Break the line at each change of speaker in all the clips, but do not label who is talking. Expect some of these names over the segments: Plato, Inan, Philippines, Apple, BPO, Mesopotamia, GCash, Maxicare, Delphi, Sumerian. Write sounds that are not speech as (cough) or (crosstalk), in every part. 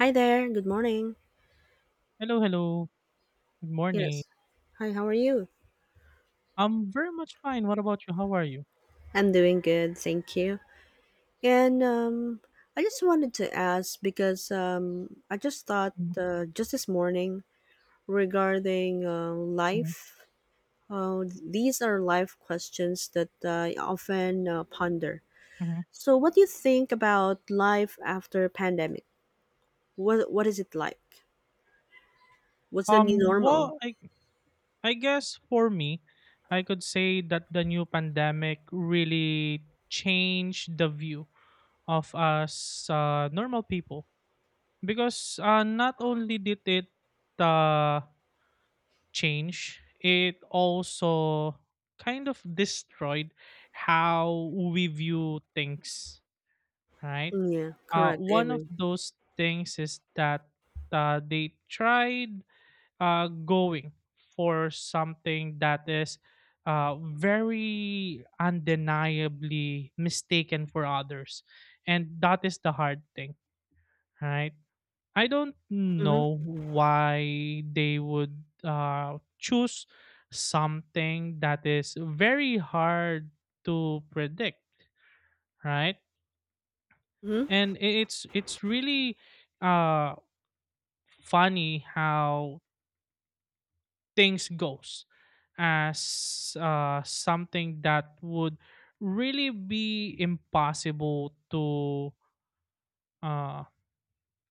Hi there, good morning.
Hello, hello. Good morning.
Yes. Hi, how are you?
I'm very much fine. What about you? How are you?
I'm doing good, thank you. And I just wanted to ask because I just thought
Mhm,
just this morning regarding
mhm,
life. These are life questions that I often ponder.
mhm.
So, what do you think about life after pandemic? What is it like? What's the new
Um,
normal?
well, I I guess for me, I could say that the new pandemic really changed the view of us normal people because not only did it uh, change, it also kind of destroyed how we view things, right?
Yeah, correct. I
One of
agree.
those things is that they tried going for something that is very undeniably mistaken for others. And that is the hard thing, right? I don't know
Mm-hmm.
why they would choose something that is very hard to predict, right?
Mm-hmm.
It's really uh funny how things goes as something that would really be impossible to uh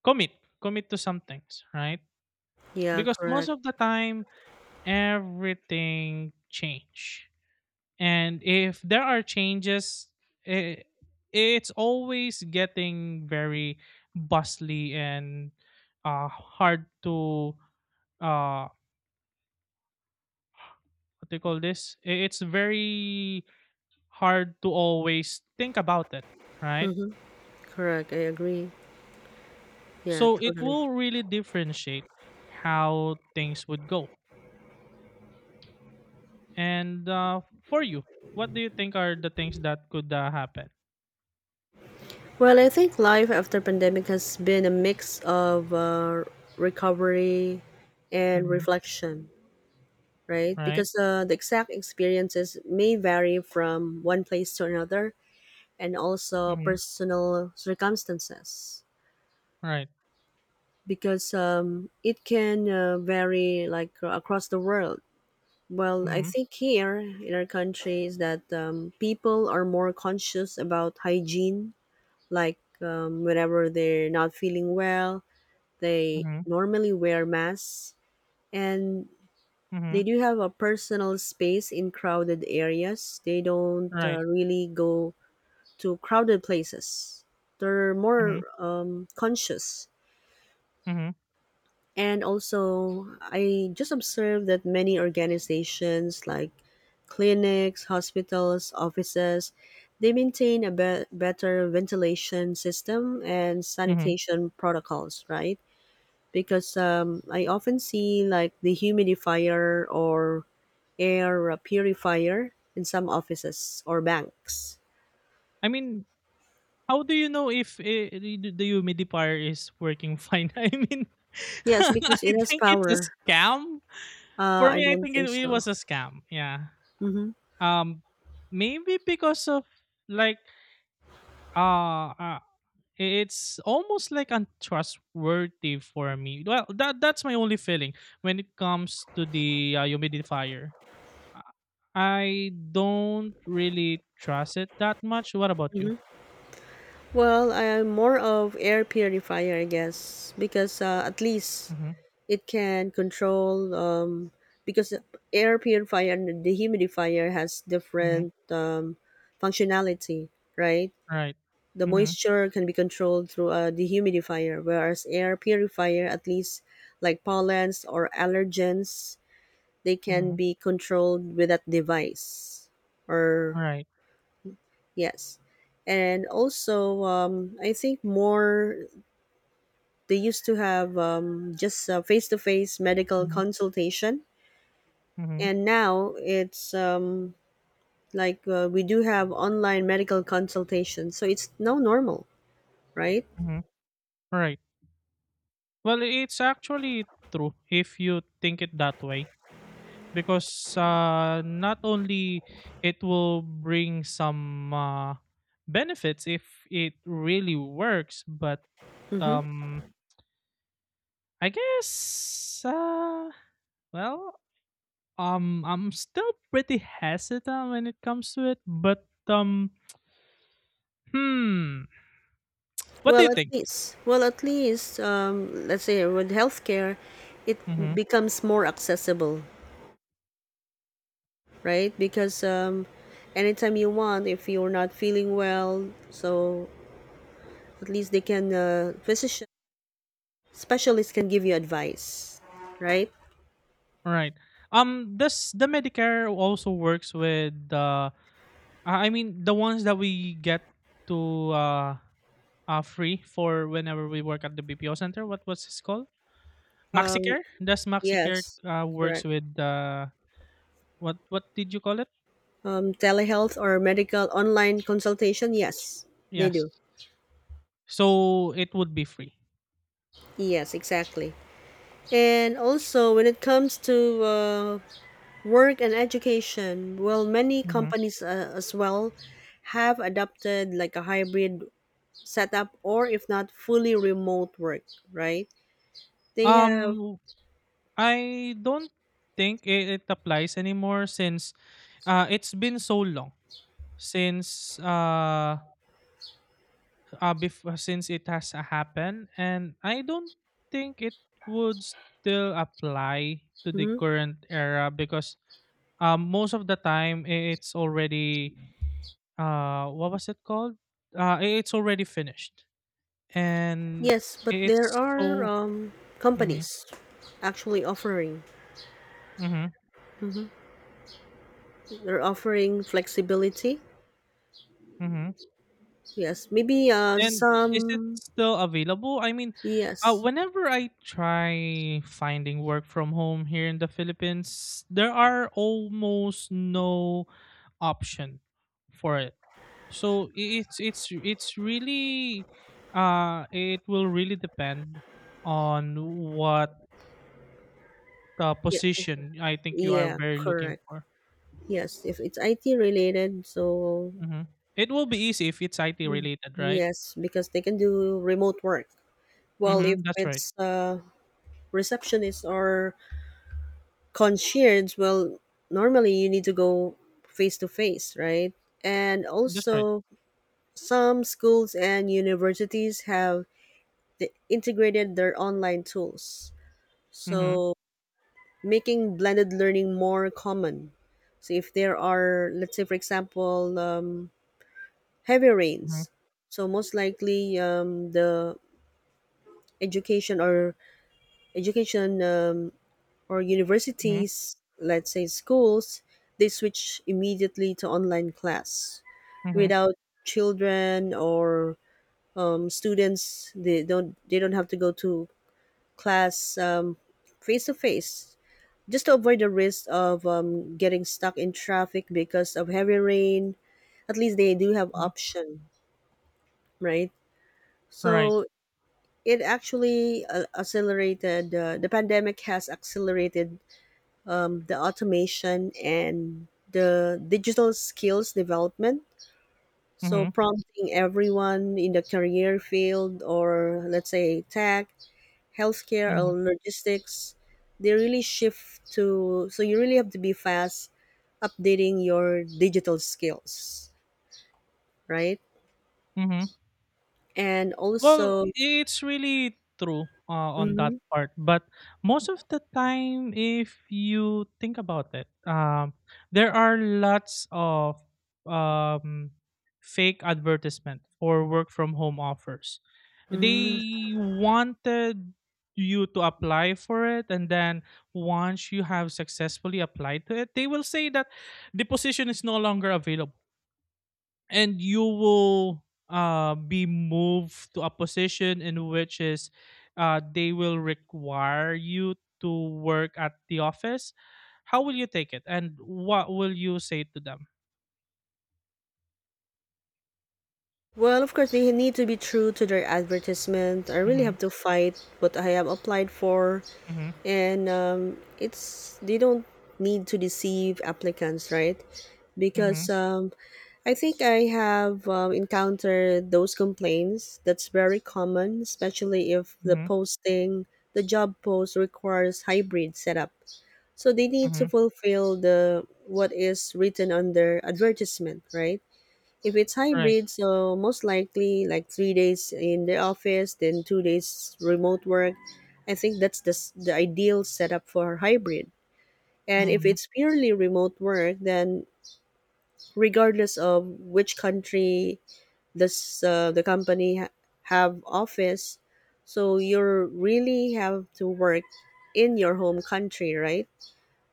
commit commit to some things, right?
Yeah,
Because most
correct.
of the time everything change, and if there are changes, it, it's always getting very bustly and hard to uh what do you call this, it's very hard to always think about it, right?
Mm-hmm. Correct. I agree. Yeah,
So it
totally.
will really differentiate how things would go. And for you, what do you think are the things that could happen?
Well, I think life after pandemic has been a mix of recovery and
Mm-hmm,
reflection, right?
right.
Because the exact experiences may vary from one place to another, and also
Mm-hmm,
personal circumstances.
right.
Because it can vary like across the world. Well, I
Mm-hmm.
think here in our country is that people are more conscious about hygiene like whenever they're not feeling well, they
Mm-hmm.
normally wear masks, and
Mm-hmm.
they do have a personal space in crowded areas. They don't
Right.
really go to crowded places. They're
Mm-hmm.
more conscious.
Mm-hmm.
And also, I just observed that many organizations like clinics, hospitals, offices, they maintain a better ventilation system and
Mm-hmm.
sanitation protocols, right? Because I often see like the humidifier or air purifier in some offices or banks.
I mean, how do you know if the humidifier is working fine? (laughs) I mean (laughs)
Yes, because
I
it has
think it's a
power.
scam. For
I
me, I
don't
think
think
it
so.
was a scam. Yeah.
Hmm.
Um, Maybe because of like uh, uh it's almost like untrustworthy for me. Well, that's my only feeling when it comes to the humidifier. I don't really trust it that much. What about you?
Well, I am more of air purifier, I guess, because at least
Mm-hmm.
it can control. Because air purifier and dehumidifier has
Mm-hmm.
different functionality, right?
Right.
The
Mm-hmm.
moisture can be controlled through a dehumidifier, whereas air purifier, at least like pollens or allergens, they can
Mm-hmm.
be controlled with that device. Or
All right.
yes, and also I think more. They used to have just a face to face medical
Mm-hmm.
consultation,
Mm-hmm.
and now it's like we do have online medical consultation. So it's now normal, right?
Mm-hmm. All right. Well, it's actually true if you think it that way, because not only it will bring some benefits if it really works, but
Hmm.
um, I guess, well, I'm still pretty hesitant when it comes to it. But hmm, what do you think?
Well, at least, let's say with healthcare, it
Mm-hmm.
becomes more accessible, right? Because anytime you want, if you're not feeling well, so at least they can, physician specialists can give you advice, right?
Right. Does the Medicare also works with I mean the ones that we get to free for whenever we work at the BPO center. What was this called?
Um,
Maxicare? Does Maxicare
yes,
works
correct.
with what did you call it?
Telehealth or medical online consultation, yes, they do.
Yes. So it would be free.
Yes, exactly. And also, when it comes to work and education, well, many
Mhm.
companies as well have adopted like a hybrid setup or if not fully remote work, right? They have,
Um, I don't think it applies anymore since it's been so long since before, since it has happened, and I don't think it would still apply to the
mhm,
current era because most of the time, it's already what was it called? It's already finished, and
yes, but there
it's
are
so. Hmm.
companies actually offering,
Hmm.
mhm, they're offering flexibility.
Hmm.
Yes, maybe
And is it
some
still available? I mean,
yes.
whenever I try finding work from home here in the Philippines, there are almost no option for it. So it's really it will really depend on what. The
Yeah, exactly.
position I think you are
Yeah,
very looking
correct.
for.
Yes, if it's IT related, so
Mhm. It will be easy if it's IT related, right?
yes, because they can do remote work. Well, if
Mhm, that's right.
it's receptionist or concierge, well, normally you need to go face to face, right? And
That's right.
also some schools and universities have integrated their online tools.
Mhm,
So making blended learning more common. So if there are, let's say, for example, heavy
mhm,
rains, so most likely the education or education or
mhm,
universities, let's say schools, they switch immediately to online class
mhm,
without children or students. They don't have to go to class face to face just to avoid the risk of getting stuck in traffic because of heavy rain. At least they do have
mhm.
option, right.
Right.
So it actually accelerated the pandemic has accelerated the automation and the digital skills development, so
Mhm,
prompting everyone in the career field or let's say tech, healthcare
mhm,
or logistics, they really shift to. So you really have to be fast updating your digital skills, right.
mhm.
And
Well,
also
it's really true, on that
mhm,
part, but most of the time, if you think about it, there are lots of um, fake advertisement for work from home offers.
mm.
They wanted you to apply for it, and then once you have successfully applied to it, they will say that the position is no longer available, and you will be moved to a position in which is they will require you to work at the office. How will you take it and what will you say to them?
Well, of course, they need to be true to their advertisement. I really
Mm-hmm,
have to fight what I have applied for,
mm-hmm,
and it's they don't need to deceive applicants, right?
mm-hmm,
Because I think I have encountered those complaints. That's very common, especially if the
mm-hmm,
posting, the job post requires hybrid setup. So they need to
mm-hmm,
fulfill the what is written on their advertisement, right? If it's
right.
hybrid, so most likely like 3 days in the office, then 2 days remote work. I think that's the, the ideal setup for hybrid. And if
Mm-hmm,
it's purely remote work, then regardless of which country this the company have office, so you really have to work in your home country, right?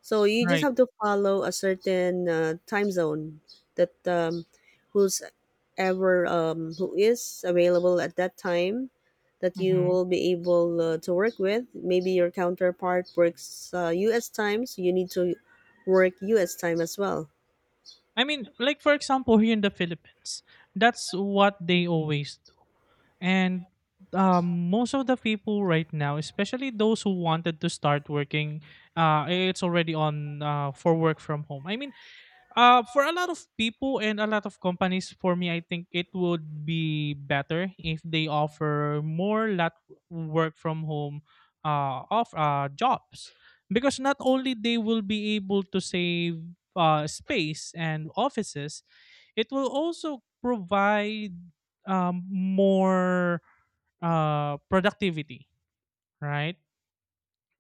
So you just
right.
have to follow a certain time zone that who's ever who is available at that time that you
Mm-hmm.
will be able to work with. Maybe your counterpart works U.S. time, so you need to work U.S. time as well.
I mean, like for example, here in the Philippines, that's what they always do. And most of the people right now, especially those who wanted to start working, it's already on for work from home. I mean, for a lot of people and a lot of companies, for me, I think it would be better if they offer more work from home of jobs, because not only they will be able to save space and offices, it will also provide more productivity, right?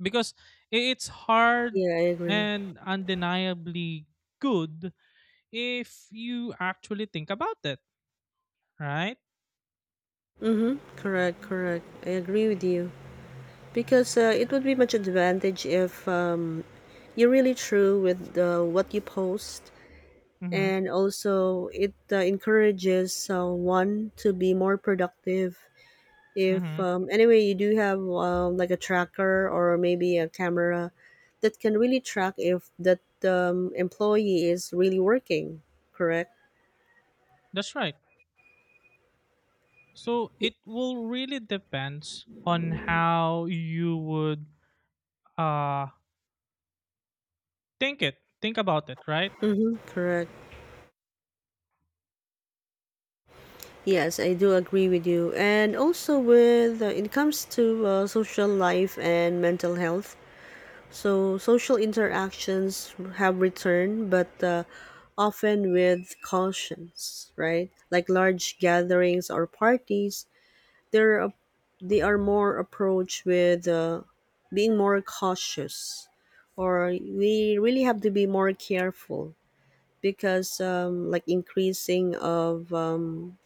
Because it's hard
Yeah, I agree.
and undeniably good if you actually think about it, right?
Mm-hmm. Correct, correct. I agree with you because it would be much advantage if you're really true with what you post,
Mm-hmm,
and also it encourages one to be more productive if
mm-hmm.
anyway you do have like a tracker or maybe a camera that can really track if that employee is really working, correct.
That's right. So it will really depends on how you would uh think about it, right?
Mm-hmm, correct. Yes, I do agree with you. And also with it comes to social life and mental health, so social interactions have returned, but often with cautions, right? Like large gatherings or parties, they're a- they are more approached with being more cautious, or we really have to be more careful because, like, increasing of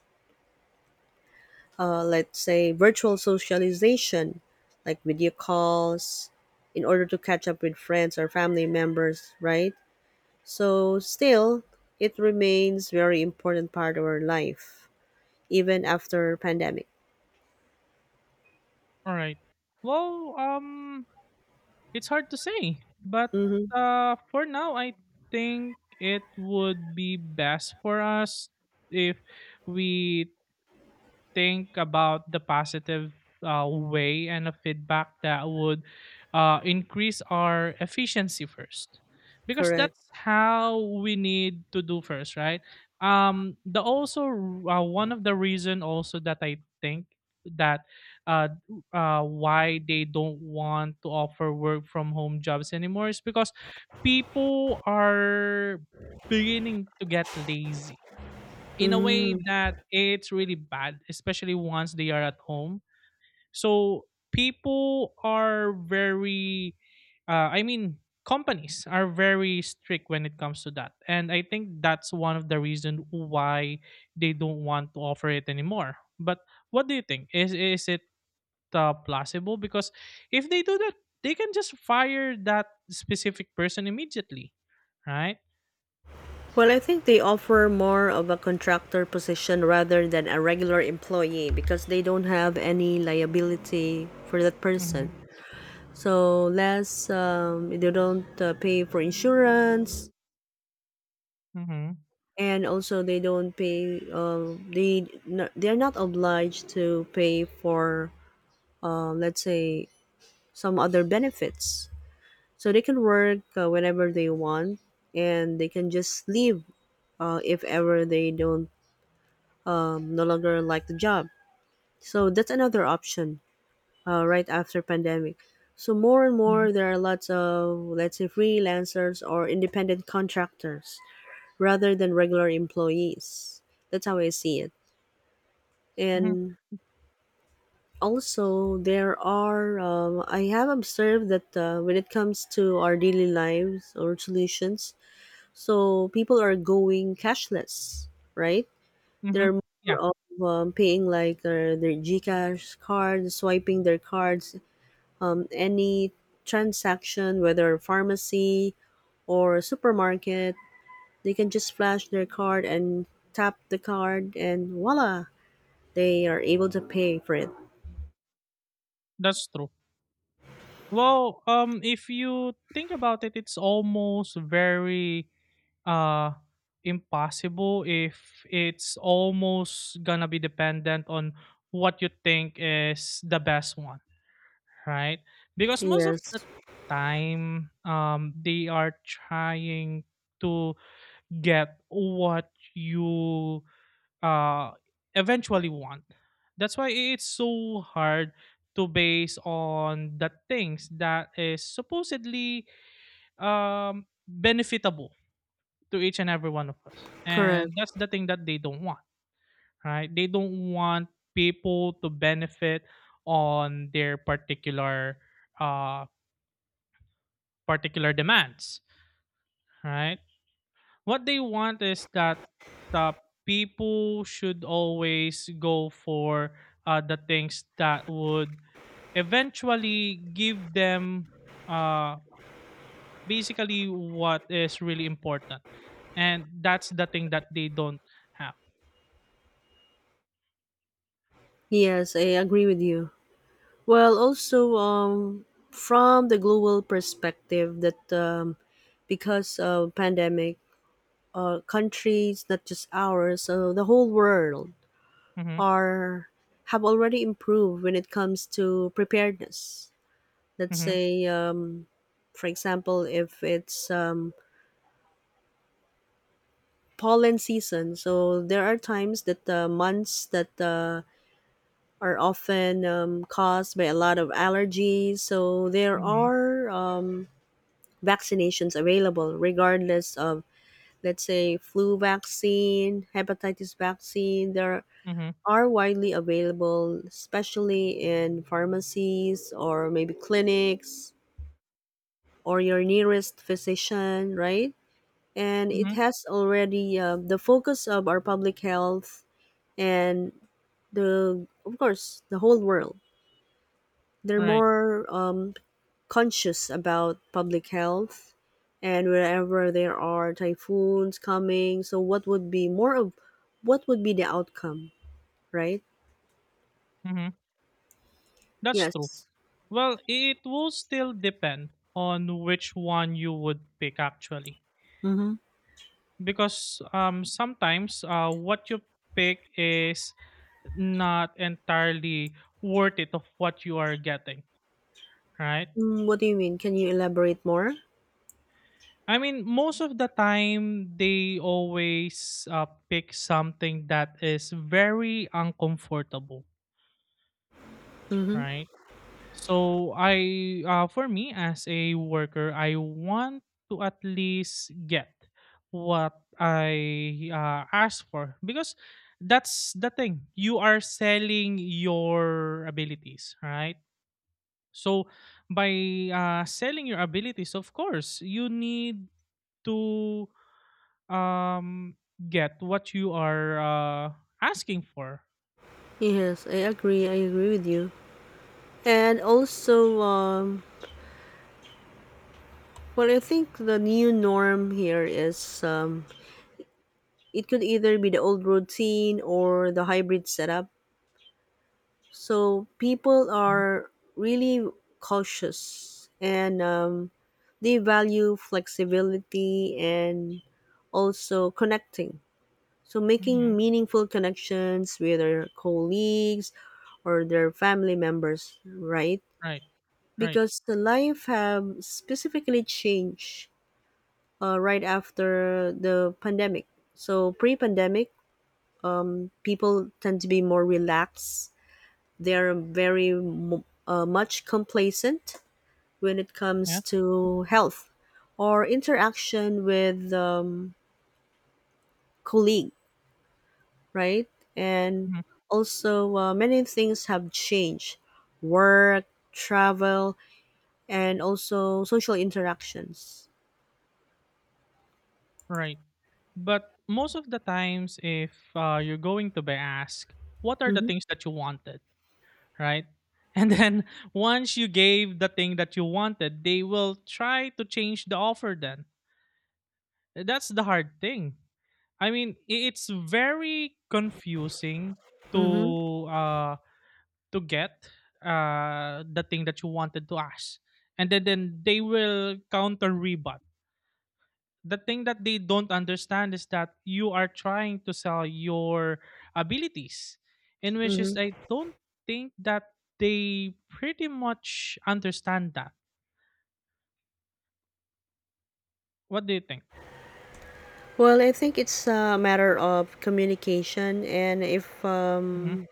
let's say virtual socialization, like video calls, in order to catch up with friends or family members, right? So still, it remains very important part of our life, even after pandemic.
All right. Well, it's hard to say, but
Mm-hmm,
for now, I think it would be best for us if we think about the positive way and a feedback that would increase our efficiency first, because
correct.
that's how we need to do first, right? The also, one of the reason also that I think that uh, why they don't want to offer work from home jobs anymore is because people are beginning to get lazy in a way
Mm.
that it's really bad, especially once they are at home. So people are very, I mean, companies are very strict when it comes to that, and I think that's one of the reasons why they don't want to offer it anymore. But what do you think? Is it plausible? Because if they do that, they can just fire that specific person immediately, right?
Well, I think they offer more of a contractor position rather than a regular employee because they don't have any liability for that person.
Mm-hmm.
So less, they don't pay for insurance,
Mm-hmm.
and also they don't pay. They are not obliged to pay for, let's say, some other benefits. So they can work whenever they want, and they can just leave if ever they don't no longer like the job. So that's another option right after pandemic. So more and
Mm-hmm.
more there are lots of let's say freelancers or independent contractors rather than regular employees. That's how I see it.
Mm-hmm.
And also there are I have observed that when it comes to our daily lives or solutions, so people are going cashless, right?
Mm-hmm.
They're more
Yeah,
of paying like their GCash card, swiping their cards. Any transaction, whether pharmacy or supermarket, they can just flash their card and tap the card, and voila, they are able to pay for it.
that's true. Well, if you think about it, it's almost very uh impossible if it's almost gonna be dependent on what you think is the best one, right? Because most of the
Yes,
time, they are trying to get what you uh eventually want. That's why it's so hard to base on the things that is supposedly benefitable to each and every one of us,
correct.
and that's the thing that they don't want. Right, they don't want people to benefit on their particular uh demands, right? What they want is that uh, people should always go for the things that would eventually give them uh, basically what is really important, and that's the thing that they don't have.
Yes, I agree with you. Well, also from the global perspective, that because of pandemic, countries not just ours, so the whole world
Mm-hmm,
are have already improved when it comes to preparedness. Let's
mm-hmm,
say, for example, if it's pollen season, so there are times that the months that are often caused by a lot of allergies. So there
mm-hmm,
are. Vaccinations available, regardless of, let's say, flu vaccine, hepatitis vaccine. There
mm-hmm,
are widely available, especially in pharmacies or maybe clinics or your nearest physician, right? And it
mm-hmm,
has already the focus of our public health and the, of course, the whole world. They're
right.
more conscious about public health. And wherever there are typhoons coming, so what would be more of, what would be the outcome, right?
Mm-hmm. That's true.
Yes.
Well, it will still depend on which one you would pick actually,
Mm-hmm.
because sometimes what you pick is not entirely worth it of what you are getting, right?
Mm, what do you mean, can you elaborate more?
I mean, most of the time they always pick something that is very uncomfortable,
Mm-hmm.
right? So I for me as a worker, I want to at least get what I asked for, because that's the thing. You are selling your abilities, right? So by selling your abilities, of course, you need to um, get what you are uh, asking for.
Yes, I agree, I agree with you. And also well, I think the new norm here is it could either be the old routine or the hybrid setup. So people
Mhm.
are really cautious and they value flexibility and also connecting. So making
Mhm.
meaningful connections with their colleagues or their family members, right?
Right. Right.
Because the life have specifically changed right after the pandemic. So pre-pandemic, people tend to be more relaxed. They're very much complacent when it comes
Yeah.
to health or interaction with colleague, right? And
Mhm.
also many things have changed, work, travel, and also social interactions.
Right. But most of the times, if you're going to be asked, what are the
Mm-hmm.
things that you wanted, right? And then (laughs) once you gave the thing that you wanted, they will try to change the offer then. That's the hard thing. I mean, it's very confusing
Mm-hmm.
to uh to get the thing that you wanted to ask. And then they will counter rebut the thing that they don't understand is that you are trying to sell your abilities, in which is
Mm-hmm.
I don't think that they pretty much understand that. What do you think?
Well, I think it's a matter of communication, and if
Hmm.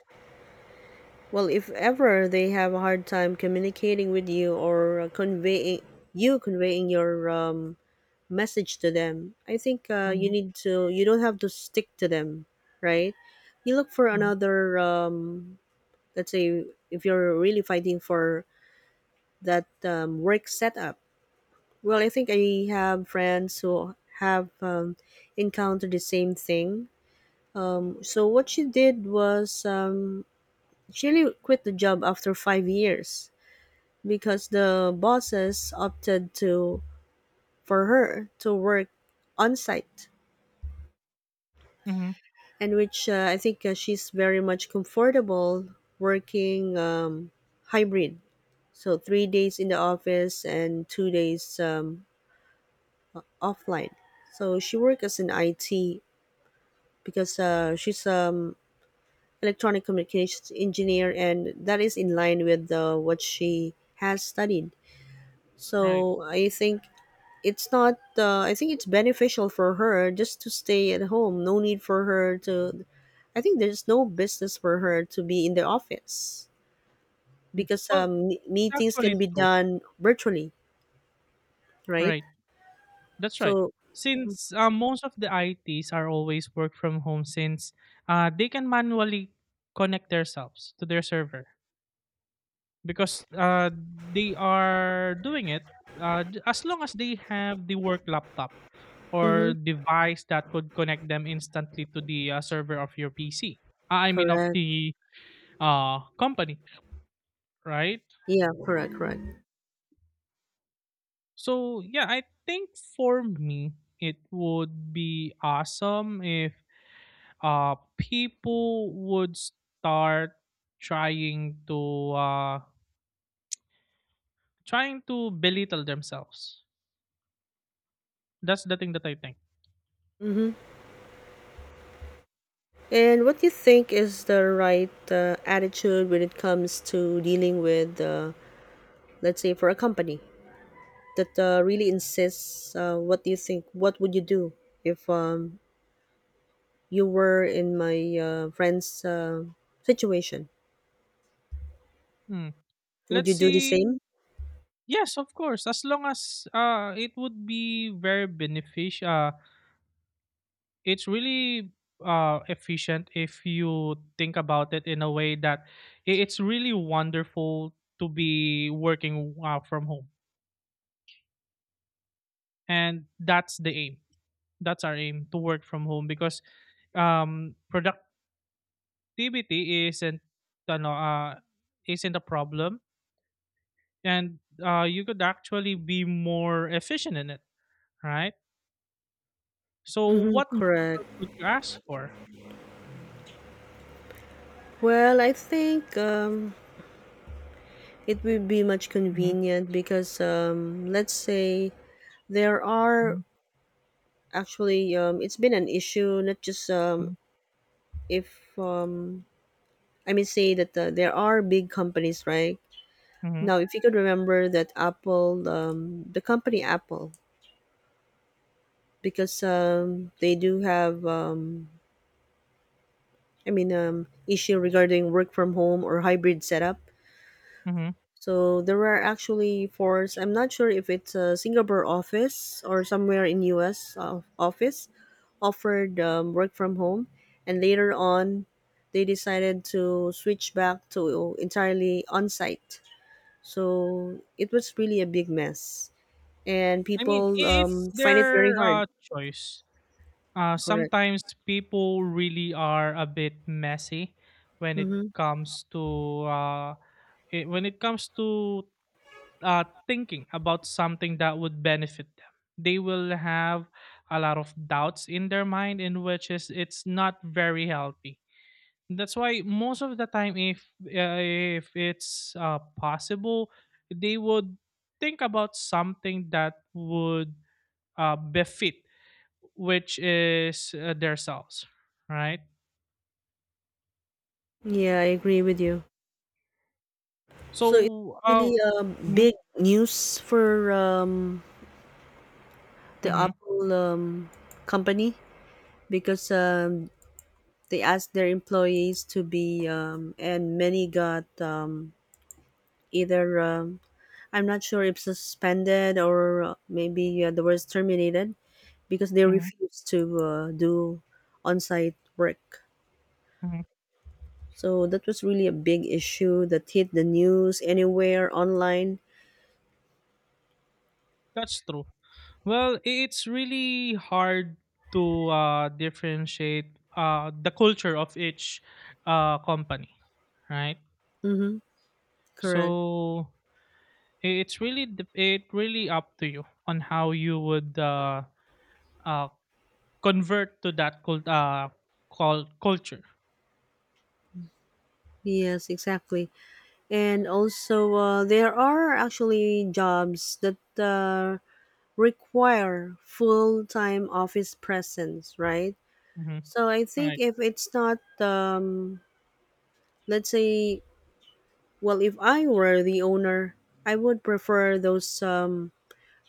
well, if ever they have a hard time communicating with you or conveying you conveying your message to them. I think you
Hmm.
need to. You don't have to stick to them, right? You look for
Hmm.
another. Let's say if you're really fighting for that work setup. Well, I think I have friends who have encountered the same thing. So what she did was she really quit the job after 5 years because the bosses opted to for her to work on site,
Hmm.
and which I think she's very much comfortable working hybrid. So 3 days in the office and 2 days offline. So she works as an IT because she's electronic communications engineer, and that is in line with what she has studied.
Right.
So I think it's beneficial for her just to stay at home no need for her to I think There's no business for her to be in the office
Mm.
because
Well, it's
meetings
actually
can be
true,
done virtually, right?
right? That's right.
so
Since most of the its are always work from home since they can manually connect themselves to their server, because they are doing it as long as they have the work laptop
hmm
or device that could connect them instantly to the server of your PC. I mean, of
Correct.
the company, right?
Yeah, correct.
So, yeah, I think for me, it would be awesome if people would start trying to trying to belittle themselves. That's the thing that I think.
hmm and what do you think is the right attitude when it comes to dealing with, let's say, for a company that really insists? What do you think, what would you do if you were in my friend's situation?
Hmm.
Would
Let's
you do the
see.
same?
Yes, of course, as long as it would be very beneficial. It's really efficient if you think about it in a way that it's really wonderful to be working from home, and that's the aim. That's our aim to work from home, because um productivity isn't ano, uh isn't a problem, and you could actually be more efficient in it, right? So
Mm-hmm.
what
Correct.
could you ask for?
Well, I think it would be much
Mhm,
convenient because, let's say there are
mhm,
actually it's been an issue, not just
mhm,
if I mean, say that there are big companies right
mhm,
now. If you could remember that the company Apple, because they do have, issue regarding work from home or hybrid setup.
mhm.
So there are actually fours. I'm not sure if it's a Singapore office or somewhere in US office offered work from home, and later on, they decided to switch back to entirely on site. So it was really a big mess, and
I mean,
people
I it's
find it very
their,
hard.
choice.
Correct.
Sometimes people really are a bit messy when it
Mm-hmm.
comes to, I when it comes to, thinking about something that would benefit them. They will have a lot of doubts in their mind, in which is it's not very healthy. That's why most of the time, if it's possible, they would think about something that would befit, which is their selves, right?
Yeah, I agree with you. So it's
So,
really
mhm,
big news for the
mhm,
Apple company because they asked their employees to be, and many got, either, um, I'm not sure if suspended or maybe the words terminated, because they
mhm,
refused to do on site work.
mhm.
So that was really a big issue that hit the news anywhere online.
That's true. Well, it's really hard to differentiate the culture of each company, right?
Mm-hmm. Correct.
So it's really it really up to you on how you would uh, convert to that cult culture.
Yes, exactly. And also, there are actually jobs that require full-time office presence, right?
Hmm.
So I think
Right.
if it's not let's say, well, if I were the owner, I would prefer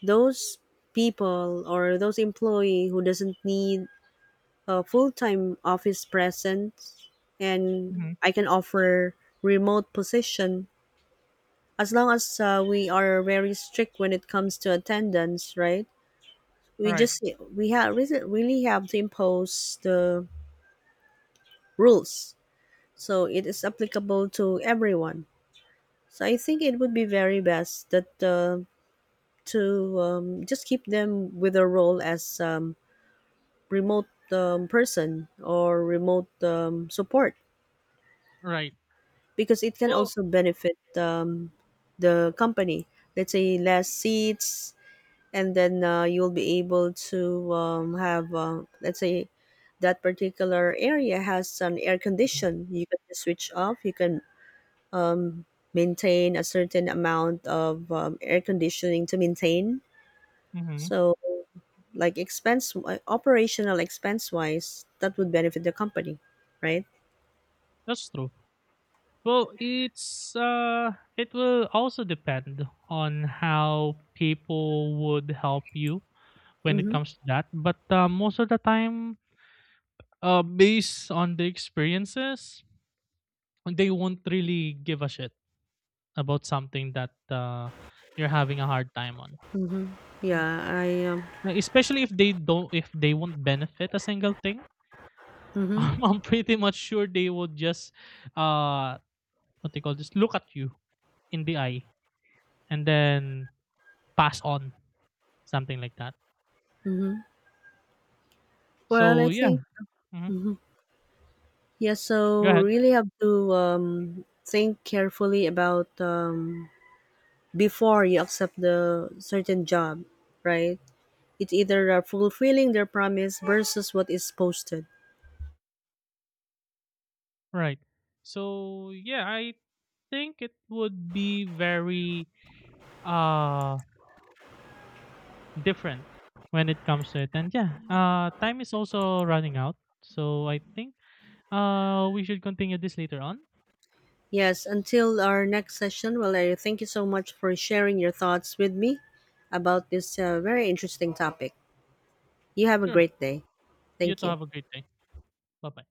those people or those employee who doesn't need a full-time office presence, and
Hmm.
I can offer remote position, as long as we are very strict when it comes to attendance, right? We
Right.
just we have really really have to impose the rules, so it is applicable to everyone. So I think it would be very best that, to just keep them with a role as remote person or remote support,
Right.
because it can
Well,
also benefit the company. Let's say less seats, and then you'll be able to have, let's say that particular area has an air condition, you can just switch off, you can um, maintain a certain amount of air conditioning to maintain,
mm-hmm.
so like expense, operational expense wise, that would benefit the company, right?
That's true. Well, it's it will also depend on how people would help you when it
Mm-hmm,
comes to that. But most of the time, based on the experiences, they won't really give a shit about something that you're having a hard time on.
mm-hmm.
M-
yeah I
Especially if they don't, if they won't benefit a single thing, (laughs)
mm-hmm,
I'm pretty much sure they would just, uh, what they call, just look at you in the eye and then pass on, something like that.
mm-hmm. well I
So yeah.
think
Mhm.
mhm. Yeah,
Go
so
ahead.
really have to think carefully about before you accept the certain job, right? It's either fulfilling their promise versus what is posted.
Right. So yeah, I think it would be very uh different when it comes to it. And yeah, time is also running out. So I think we should continue this later on.
Yes, until our next session, well, I thank you so much for sharing your thoughts with me about this very interesting topic. You have a
Sure.
great day.
You
Thank
too
you.
have a great day. Bye-bye.